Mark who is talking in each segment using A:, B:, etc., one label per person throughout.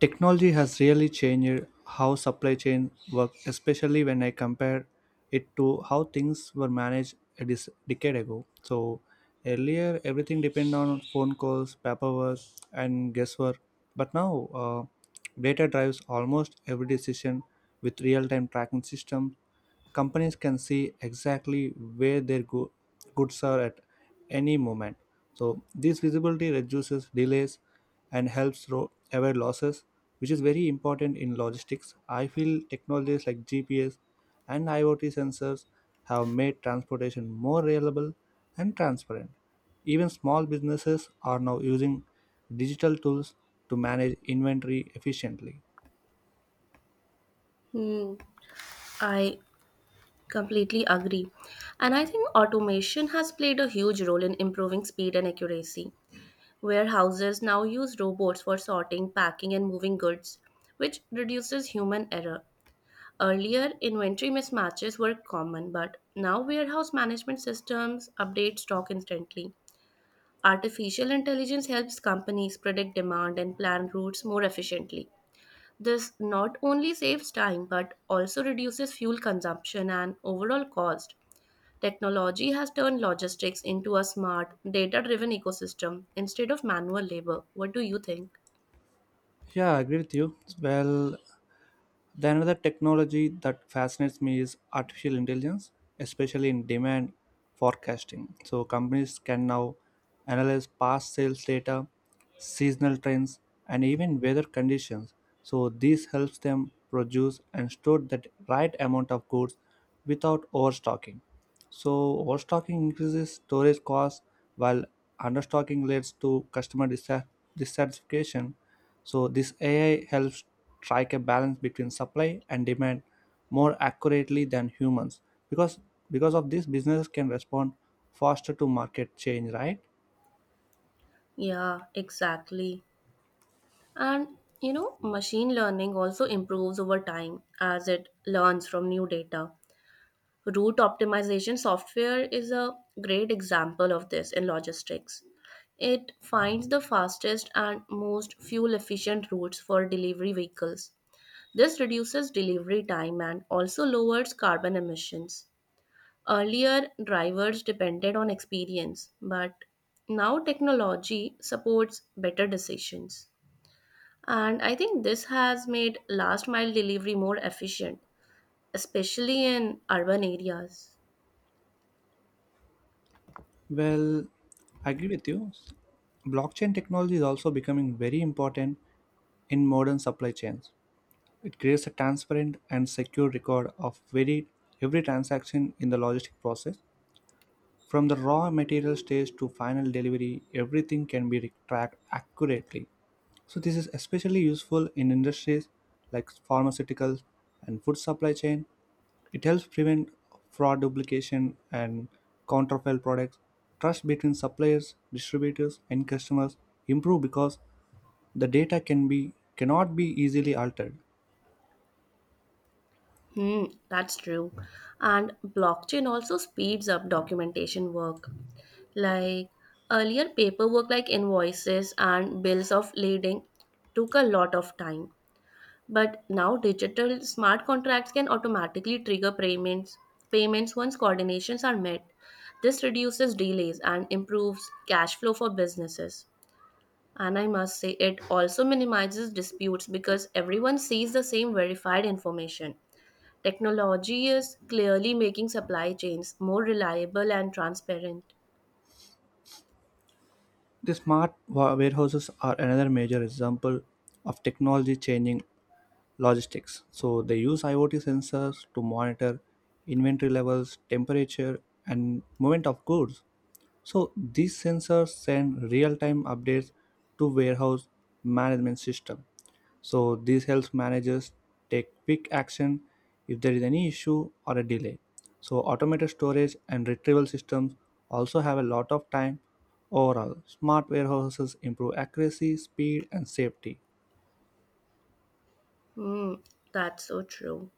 A: Technology has really changed how supply chain work, especially when I compare it to how things were managed a decade ago. So earlier, everything depended on phone calls, paperwork, and guesswork. But now, data drives almost every decision with real-time tracking systems. Companies can see exactly where their goods are at any moment, so this visibility reduces delays and helps avoid losses, which is very important in logistics. I feel technologies like GPS and IoT sensors have made transportation more reliable and transparent. Even small businesses are now using digital tools to manage inventory efficiently.
B: Hmm, I completely agree. And I think automation has played a huge role in improving speed and accuracy. Warehouses now use robots for sorting, packing, and moving goods, which reduces human error. Earlier, inventory mismatches were common, but now warehouse management systems update stock instantly. Artificial intelligence helps companies predict demand and plan routes more efficiently. This not only saves time but also reduces fuel consumption and overall cost. Technology has turned logistics into a smart, data driven ecosystem instead of manual labor. What do you think?
A: Yeah, I agree with you. Then another technology that fascinates me is artificial intelligence, especially in demand forecasting. So companies can now analyze past sales data, seasonal trends, and even weather conditions. So this helps them produce and store the right amount of goods without overstocking. So overstocking increases storage costs while understocking leads to customer dissatisfaction. So this AI helps strike a balance between supply and demand more accurately than humans, because because of this businesses can respond faster to market change, right?
B: Yeah, exactly. And you know, machine learning also improves over time as it learns from new data. Route optimization software is a great example of this in logistics. It finds the fastest and most fuel efficient routes for delivery vehicles. This reduces delivery time and also lowers carbon emissions. Earlier, drivers depended on experience, but now technology supports better decisions. And I think this has made last mile delivery more efficient, especially in urban areas.
A: Well, I agree with you. Blockchain technology is also becoming very important in modern supply chains. It creates a transparent and secure record of very every transaction in the logistic process. From the raw material stage to final delivery, everything can be tracked accurately. So this is especially useful in industries like pharmaceuticals and food supply chain. It helps prevent fraud, duplication and counterfeit products. Trust between suppliers, distributors and customers improve because the data cannot be easily altered.
B: Hmm, that's true. And blockchain also speeds up documentation work. Like earlier, paperwork like invoices and bills of lading took a lot of time. But now digital smart contracts can automatically trigger payments once coordinations are met. This reduces delays and improves cash flow for businesses. And I must say it also minimizes disputes because everyone sees the same verified information. Technology is clearly making supply chains more reliable and transparent.
A: The smart warehouses are another major example of technology changing logistics. So they use IoT sensors to monitor inventory levels, temperature, and movement of goods. So these sensors send real-time updates to warehouse management system. So this helps managers take quick action if there is any issue or a delay. So automated storage and retrieval systems also have a lot of time. Overall, smart warehouses improve accuracy, speed, and safety.
B: Hmm, that's so true.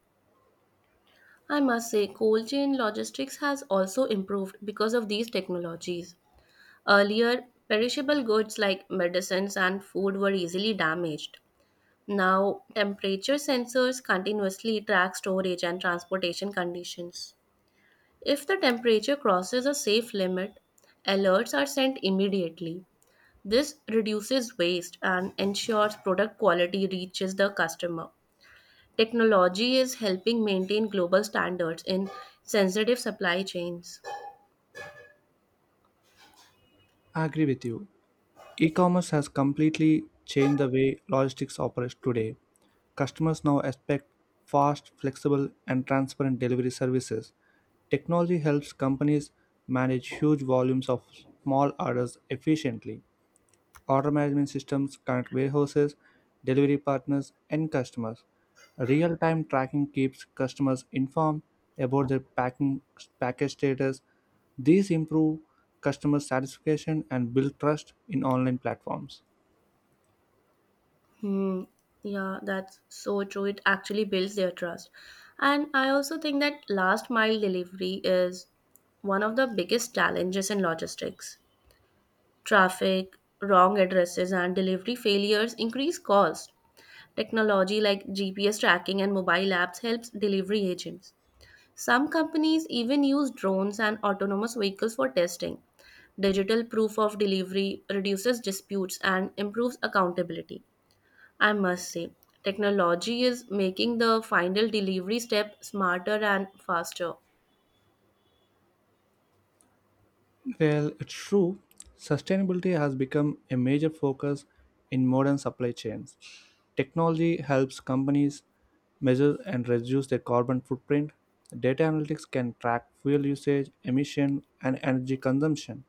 B: I must say, cold chain logistics has also improved because of these technologies. Earlier, perishable goods like medicines and food were easily damaged. Now, temperature sensors continuously track storage and transportation conditions. If the temperature crosses a safe limit, alerts are sent immediately. This reduces waste and ensures product quality reaches the customer. Technology is helping maintain global standards in sensitive supply chains.
A: I agree with you. E-commerce has completely changed the way logistics operates today. Customers now expect fast, flexible, and transparent delivery services. Technology helps companies manage huge volumes of small orders efficiently. Order management systems connect warehouses, delivery partners, and customers. Real time tracking keeps customers informed about their package status. These improve customer satisfaction and build trust in online platforms.
B: Hmm. Yeah, that's so true. It actually builds their trust. And I also think that last mile delivery is one of the biggest challenges in logistics. Traffic, wrong addresses, and delivery failures increase costs. Technology like GPS tracking and mobile apps helps delivery agents. Some companies even use drones and autonomous vehicles for testing. Digital proof of delivery reduces disputes and improves accountability. I must say, technology is making the final delivery step smarter and faster.
A: Well, it's true. Sustainability has become a major focus in modern supply chains. Technology helps companies measure and reduce their carbon footprint. Data analytics can track fuel usage, emission, and energy consumption.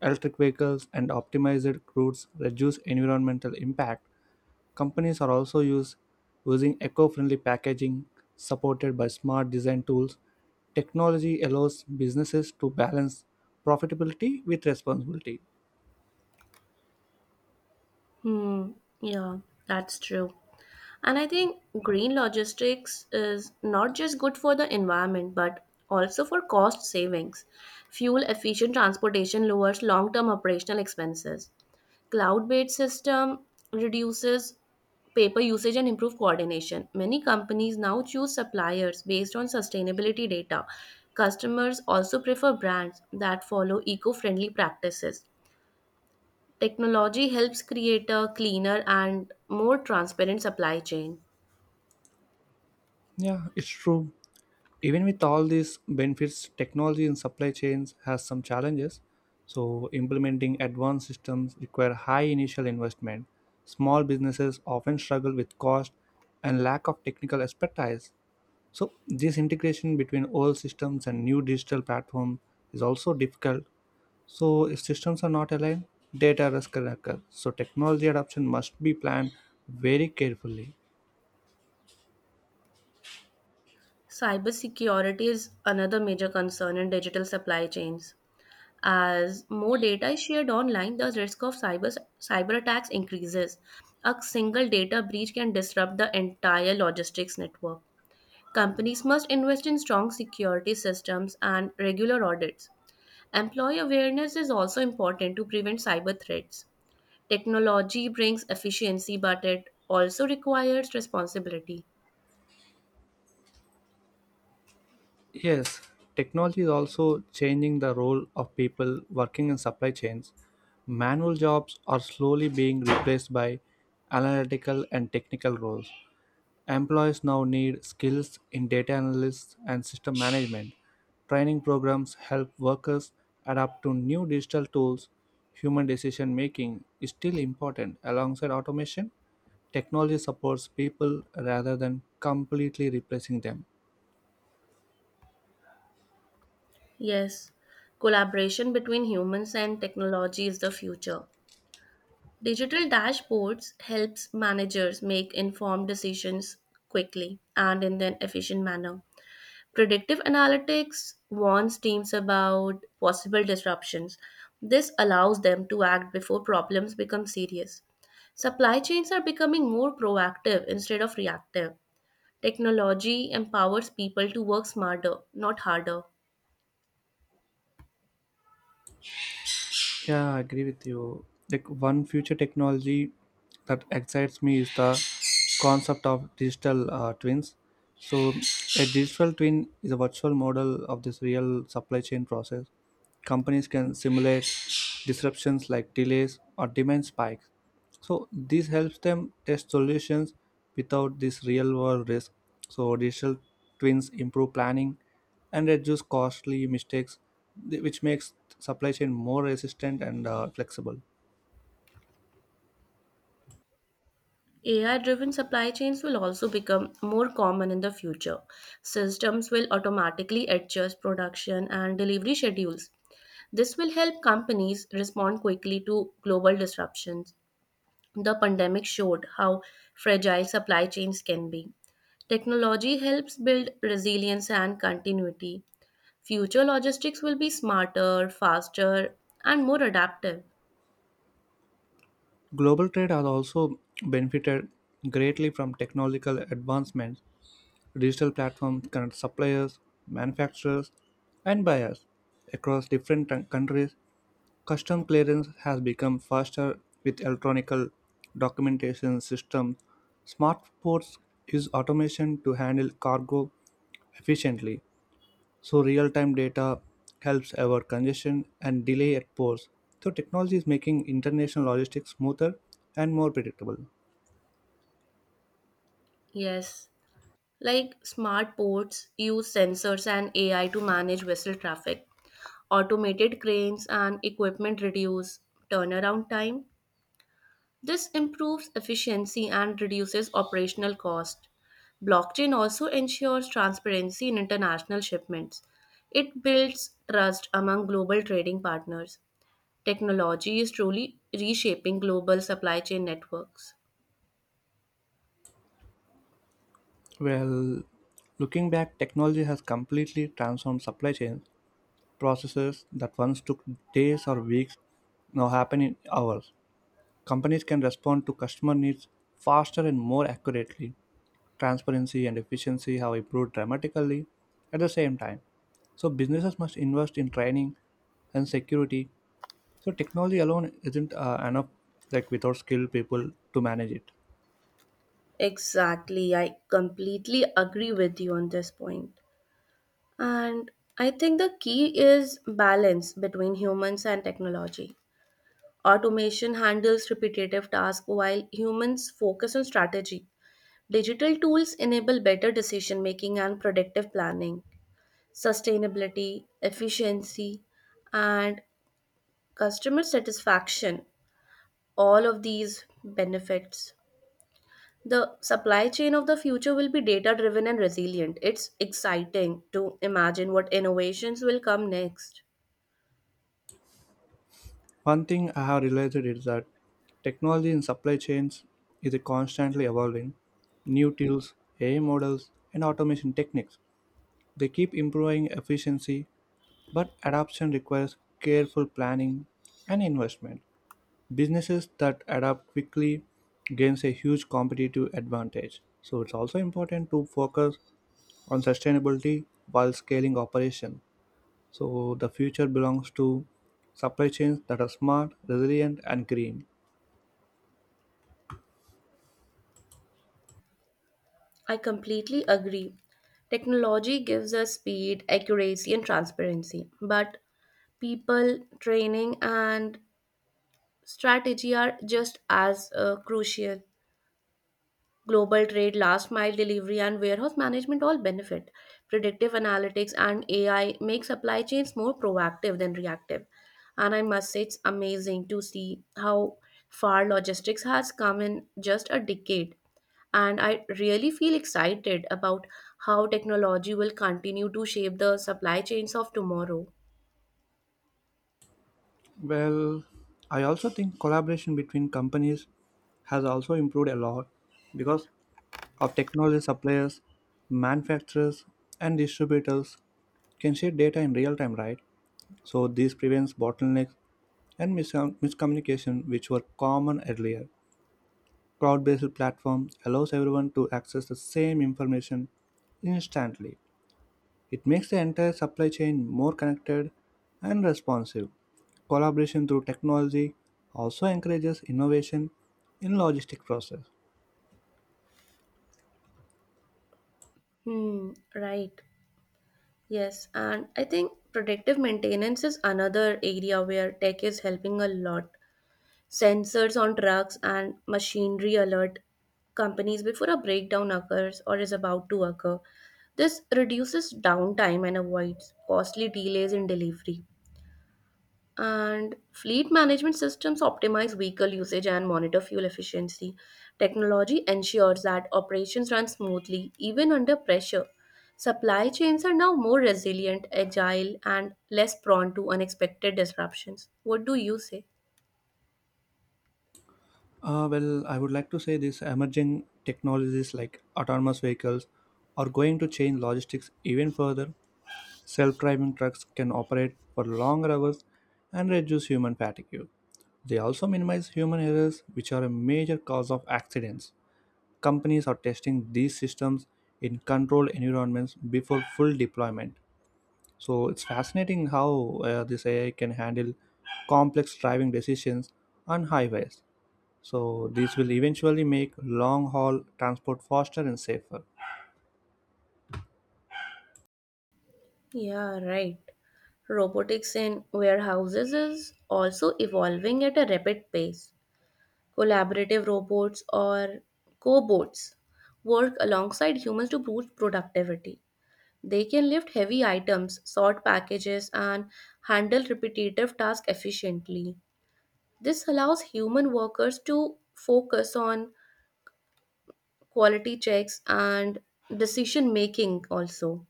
A: Electric vehicles and optimized routes reduce environmental impact. Companies are using eco friendly packaging supported by smart design tools. Technology allows businesses to balance profitability with responsibility.
B: Hmm, yeah, that's true. And I think green logistics is not just good for the environment but also for cost savings. Fuel efficient transportation lowers long term operational expenses. Cloud-based system reduces paper usage and improve coordination. Many companies now choose suppliers based on sustainability data. Customers also prefer brands that follow eco-friendly practices. Technology helps create a cleaner and more transparent supply chain.
A: Yeah, it's true. Even with all these benefits, technology in supply chains has some challenges. So implementing advanced systems require high initial investment. Small businesses often struggle with cost and lack of technical expertise. So this integration between old systems and new digital platform is also difficult. So if systems are not aligned, data risk can occur, so technology adoption must be planned very carefully.
B: Cybersecurity is another major concern in digital supply chains. As more data is shared online, the risk of cyber attacks increases. A single data breach can disrupt the entire logistics network. Companies must invest in strong security systems and regular audits. Employee awareness is also important to prevent cyber threats. Technology brings efficiency, but it also requires responsibility.
A: Yes, technology is also changing the role of people working in supply chains. Manual jobs are slowly being replaced by analytical and technical roles. Employees now need skills in data analysis and system management. Training programs help workers adapt to new digital tools. Human decision making is still important alongside automation. Technology supports people rather than completely replacing them.
B: Yes, collaboration between humans and technology is the future. Digital dashboards helps managers make informed decisions quickly and in an efficient manner. Predictive analytics warns teams about possible disruptions. This allows them to act before problems become serious. Supply chains are becoming more proactive instead of reactive. Technology empowers people to work smarter, not harder.
A: Yeah, I agree with you. Like, one future technology that excites me is the concept of digital twins. So, a digital twin is a virtual model of this real supply chain process. Companies can simulate disruptions like delays or demand spikes. So, this helps them test solutions without this real world risk. So, digital twins improve planning and reduce costly mistakes, which makes supply chain more resistant and flexible.
B: AI driven supply chains will also become more common in the future. Systems will automatically adjust production and delivery schedules. This will help companies respond quickly to global disruptions. The pandemic showed how fragile supply chains can be. Technology helps build resilience and continuity. Future logistics will be smarter, faster, and more adaptive.
A: Global trade has also benefited greatly from technological advancements. Digital platforms connect suppliers, manufacturers, and buyers across different countries. Custom clearance has become faster with electronic documentation systems. Smart ports use automation to handle cargo efficiently. So real-time data helps avoid congestion and delay at ports. So technology is making international logistics smoother and more predictable.
B: Yes. Like smart ports use sensors and AI to manage vessel traffic, automated cranes and equipment reduce turnaround time. This improves efficiency and reduces operational cost. Blockchain also ensures transparency in international shipments. It builds trust among global trading partners. Technology is truly reshaping global supply chain networks.
A: Well, looking back, technology has completely transformed supply chains. Processes that once took days or weeks now happen in hours. Companies can respond to customer needs faster and more accurately. Transparency and efficiency have improved dramatically at the same time. So businesses must invest in training and security. So technology alone isn't enough. Like, without skilled people to manage it.
B: Exactly. I completely agree with you on this point. And I think the key is balance between humans and technology. Automation handles repetitive tasks while humans focus on strategy. Digital tools enable better decision making and productive planning, sustainability, efficiency, and customer satisfaction. All of these benefits. The supply chain of the future will be data driven and resilient. It's exciting to imagine what innovations will come next.
A: One thing I have realized is that technology in supply chains is constantly evolving. New tools, AI models, and automation techniques. They keep improving efficiency, but adoption requires careful planning and investment. Businesses that adapt quickly gains a huge competitive advantage. So it's also important to focus on sustainability while scaling operation. So the future belongs to supply chains that are smart, resilient, and green.
B: I completely agree. Technology gives us speed, accuracy, and transparency, but people, training, and strategy are just as crucial. Global trade, last mile delivery, and warehouse management all benefit. Predictive analytics and AI make supply chains more proactive than reactive. And I must say, it's amazing to see how far logistics has come in just a decade. And I really feel excited about how technology will continue to shape the supply chains of tomorrow.
A: Well, I also think collaboration between companies has also improved a lot because of technology. Suppliers, manufacturers, and distributors can share data in real time, right? So this prevents bottlenecks and miscommunication, which were common earlier. Cloud-based platform allows everyone to access the same information instantly. It makes the entire supply chain more connected and responsive. Collaboration through technology also encourages innovation in logistic process.
B: Hmm, right. Yes, and I think predictive maintenance is another area where tech is helping a lot. Sensors on trucks and machinery alert companies before a breakdown occurs or is about to occur. This reduces downtime and avoids costly delays in delivery. And fleet management systems optimize vehicle usage and monitor fuel efficiency. Technology ensures that operations run smoothly even under pressure. Supply chains are now more resilient, agile, and less prone to unexpected disruptions. What do you say?
A: Well, I would like to say these emerging technologies like autonomous vehicles are going to change logistics even further. Self-driving trucks can operate for longer hours and reduce human fatigue. They also minimize human errors, which are a major cause of accidents. Companies are testing these systems in controlled environments before full deployment. So it's fascinating how this AI can handle complex driving decisions on highways. So this will eventually make long haul transport faster and safer.
B: Yeah, right. Robotics in warehouses is also evolving at a rapid pace. Collaborative robots or cobots work alongside humans to boost productivity. They can lift heavy items, sort packages, and handle repetitive tasks efficiently. This allows human workers to focus on quality checks and decision making also.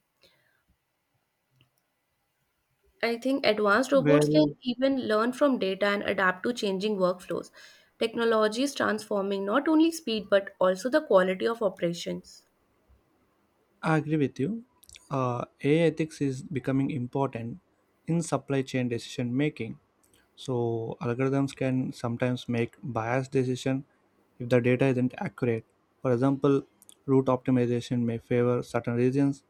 B: I think advanced robots can
A: Well,
B: even learn from data and adapt to changing workflows. Technology is transforming not only speed but also the quality of operations.
A: I agree with you. AI ethics is becoming important in supply chain decision making. So algorithms can sometimes make biased decision if the data isn't accurate. For example, route optimization may favor certain regions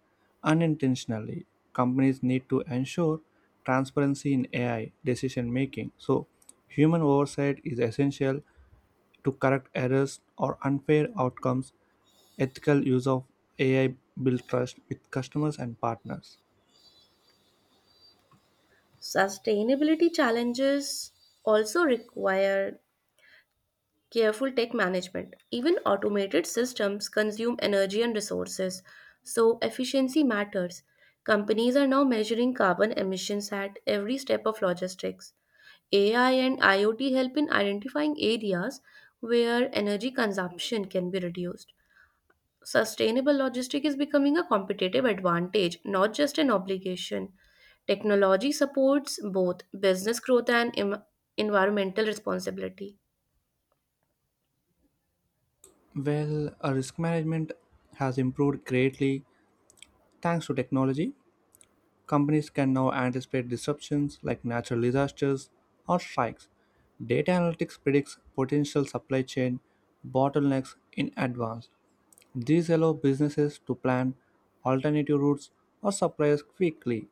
A: unintentionally. Companies need to ensure transparency in AI decision making. So human oversight is essential to correct errors or unfair outcomes. Ethical use of AI build trust with customers and partners.
B: Sustainability challenges also require careful tech management. Even automated systems consume energy and resources, so efficiency matters. Companies are now measuring carbon emissions at every step of logistics. AI and IoT help in identifying areas where energy consumption can be reduced. Sustainable logistics is becoming a competitive advantage, not just an obligation. Technology supports both business growth and environmental responsibility.
A: Well, risk management has improved greatly thanks to technology. Companies can now anticipate disruptions like natural disasters or strikes. Data analytics predicts potential supply chain bottlenecks in advance. These allow businesses to plan alternative routes or suppliers quickly.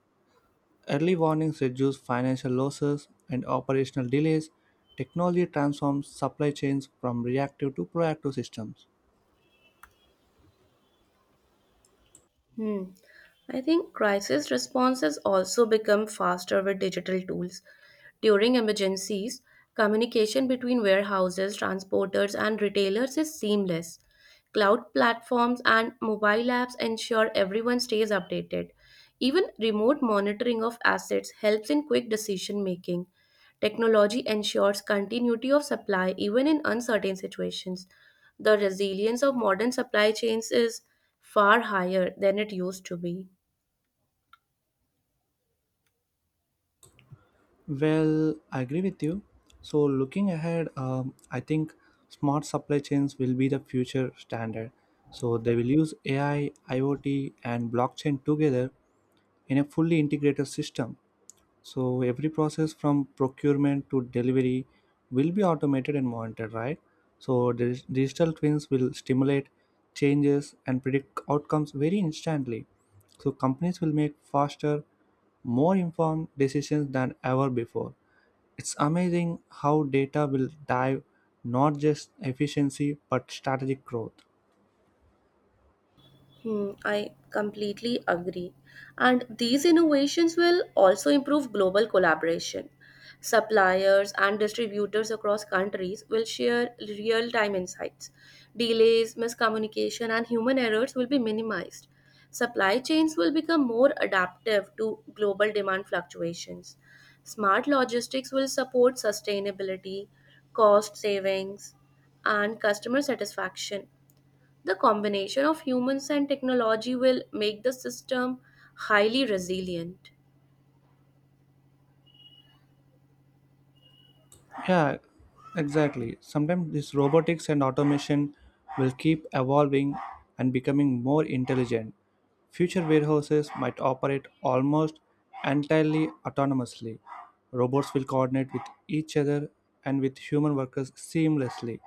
A: Early warnings reduce financial losses and operational delays. Technology transforms supply chains from reactive to proactive systems.
B: Hmm. I think crisis responses also become faster with digital tools. During emergencies, communication between warehouses, transporters, and retailers is seamless. Cloud platforms and mobile apps ensure everyone stays updated. Even remote monitoring of assets helps in quick decision making. Technology ensures continuity of supply even in uncertain situations. The resilience of modern supply chains is far higher than it used to be.
A: Well, I agree with you. So, looking ahead, I think smart supply chains will be the future standard. So, they will use AI, IoT, and blockchain together in a fully integrated system. So every process from procurement to delivery will be automated and monitored, right? So digital twins will stimulate changes and predict outcomes very instantly. So companies will make faster, more informed decisions than ever before. It's amazing how data will drive not just efficiency but strategic growth.
B: Hmm, I completely agree. And these innovations will also improve global collaboration. Suppliers and distributors across countries will share real time insights. Delays, miscommunication, and human errors will be minimized. Supply chains will become more adaptive to global demand fluctuations. Smart logistics will support sustainability, cost savings, and customer satisfaction. The combination of humans and technology will make the system highly resilient.
A: Yeah, exactly. Sometimes this robotics and automation will keep evolving and becoming more intelligent. Future warehouses might operate almost entirely autonomously. Robots will coordinate with each other and with human workers seamlessly.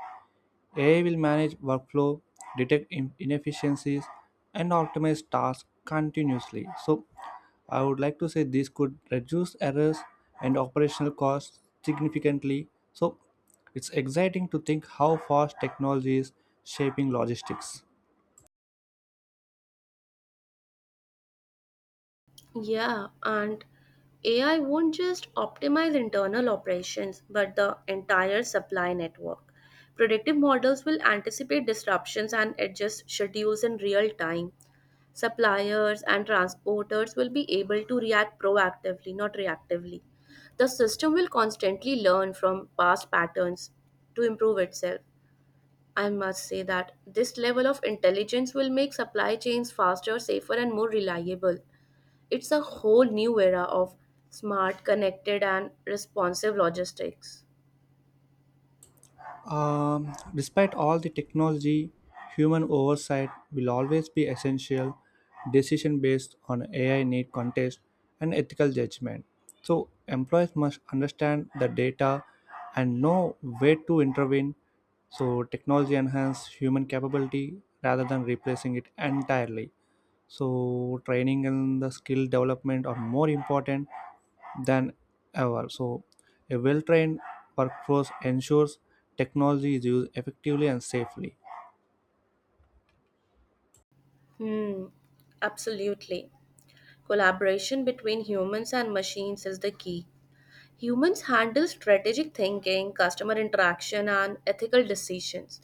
A: AI will manage workflow, detect inefficiencies, and optimize tasks continuously. So, I would like to say this could reduce errors and operational costs significantly. So, it's exciting to think how fast technology is shaping logistics.
B: Yeah, and AI won't just optimize internal operations but the entire supply network. Predictive models will anticipate disruptions and adjust schedules in real time. Suppliers and transporters will be able to react proactively, not reactively. The system will constantly learn from past patterns to improve itself. I must say that this level of intelligence will make supply chains faster, safer, and more reliable. It's a whole new era of smart, connected, and responsive logistics.
A: Despite all the technology, human oversight will always be essential. Decision based on AI need context and ethical judgment. So employees must understand the data and know where to intervene. So technology enhance human capability rather than replacing it entirely. So training and the skill development are more important than ever. So, a well trained workforce ensures technology is used effectively and safely.
B: Hmm, absolutely. Collaboration between humans and machines is the key. Humans handle strategic thinking, customer interaction, and ethical decisions.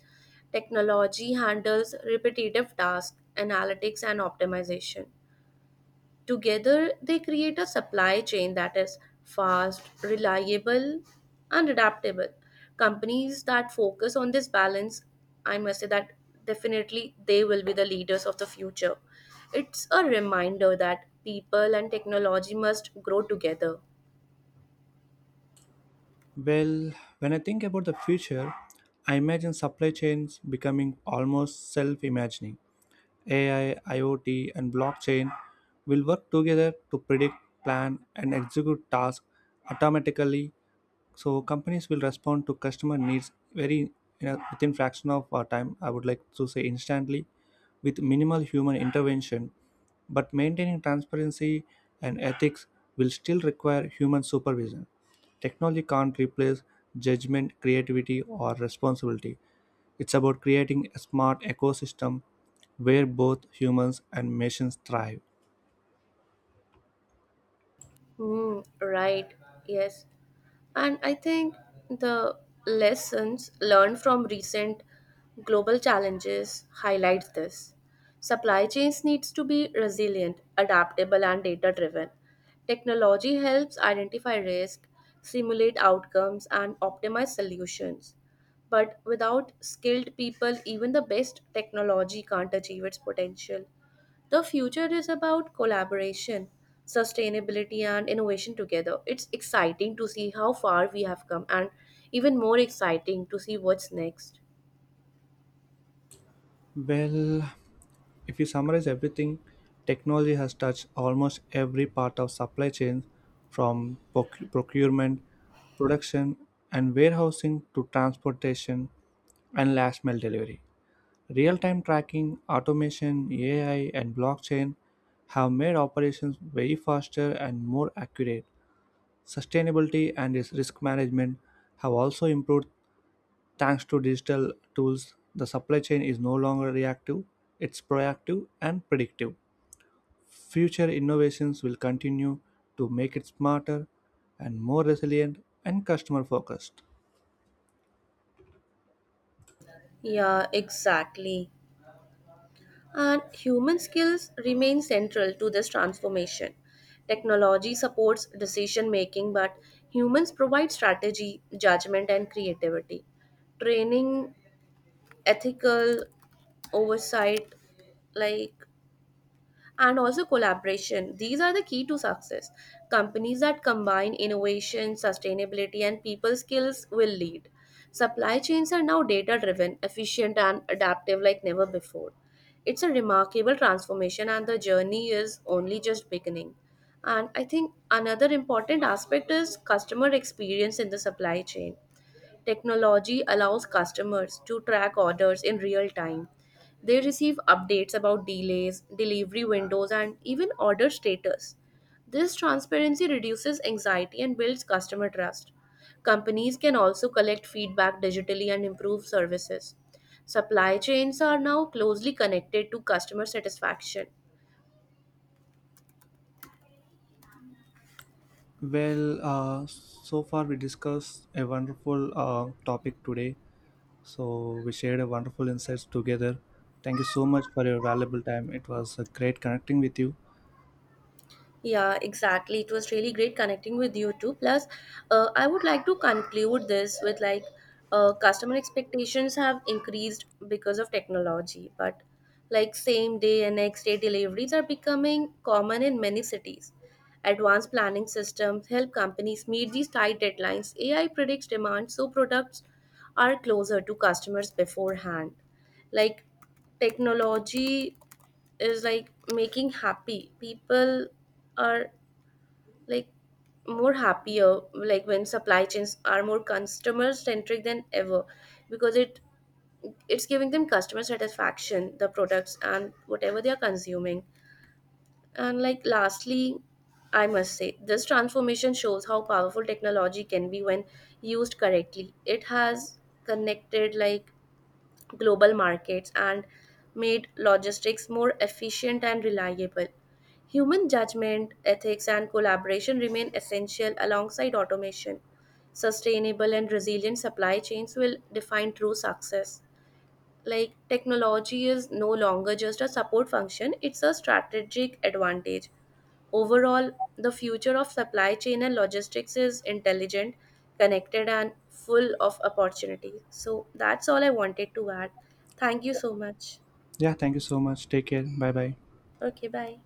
B: Technology handles repetitive tasks, analytics, and optimization. Together, they create a supply chain that is fast, reliable, and adaptable. Companies that focus on this balance, I must say that definitely they will be the leaders of the future. It's a reminder that people and technology must grow together.
A: Well, when I think about the future, I imagine supply chains becoming almost self imagining. AI, IoT, and blockchain will work together to predict, plan, and execute tasks automatically. So companies will respond to customer needs very in a, within fraction of our time. I would like to say instantly, with minimal human intervention. But maintaining transparency and ethics will still require human supervision. Technology can't replace judgment, creativity, or responsibility. It's about creating a smart ecosystem where both humans and machines thrive.
B: Hmm, right, yes. And I think the lessons learned from recent global challenges highlights this. Supply chains needs to be resilient, adaptable and data driven. Technology helps identify risk, simulate outcomes and optimize solutions. But without skilled people, even the best technology can't achieve its potential. The future is about collaboration, sustainability, and innovation together. It's exciting to see how far we have come, and even more exciting to see what's next.
A: Well, if you summarize everything, technology has touched almost every part of supply chains, from procurement, production, and warehousing to transportation and last mile delivery. Real time tracking, automation, AI, and blockchain have made operations way faster and more accurate. Sustainability and its risk management have also improved thanks to digital tools. The supply chain is no longer reactive, it's proactive and predictive. Future innovations will continue to make it smarter and more resilient and customer focused.
B: Yeah, exactly. And human skills remain central to this transformation. Technology supports decision making, but humans provide strategy, judgment, and creativity. Training, ethical oversight, like and also collaboration. These are the key to success. Companies that combine innovation, sustainability, and people skills will lead. Supply chains are now data driven, efficient, and adaptive like never before. It's a remarkable transformation, and the journey is only just beginning. And I think another important aspect is customer experience in the supply chain. Technology allows customers to track orders in real time. They receive updates about delays, delivery windows, and even order status. This transparency reduces anxiety and builds customer trust. Companies can also collect feedback digitally and improve services. Supply chains are now closely connected to customer satisfaction.
A: Well, so far we discussed a wonderful topic today. So we shared a wonderful insights together. Thank you so much for your valuable time. It was a great connecting with you.
B: Yeah, exactly. It was really great connecting with you too. Plus, I would like to conclude this with like customer expectations have increased because of technology, but like same day and next day deliveries are becoming common in many cities. Advanced planning systems help companies meet these tight deadlines. AI predicts demand so products are closer to customers beforehand. Like, technology is like making happy people are, like, more happier, like, when supply chains are more customer centric than ever because it's giving them customer satisfaction the products and whatever they are consuming. And like lastly, I must say this transformation shows how powerful technology can be when used correctly. It has connected, like, global markets and made logistics more efficient and reliable. Human judgment, ethics, and collaboration remain essential alongside automation. Sustainable and resilient supply chains will define true success. Like, technology is no longer just a support function, it's a strategic advantage. Overall, the future of supply chain and logistics is intelligent, connected, and full of opportunities. So that's all I wanted to add. Thank you so much.
A: Yeah, thank you so much. Take care. Bye bye.
B: Okay, bye.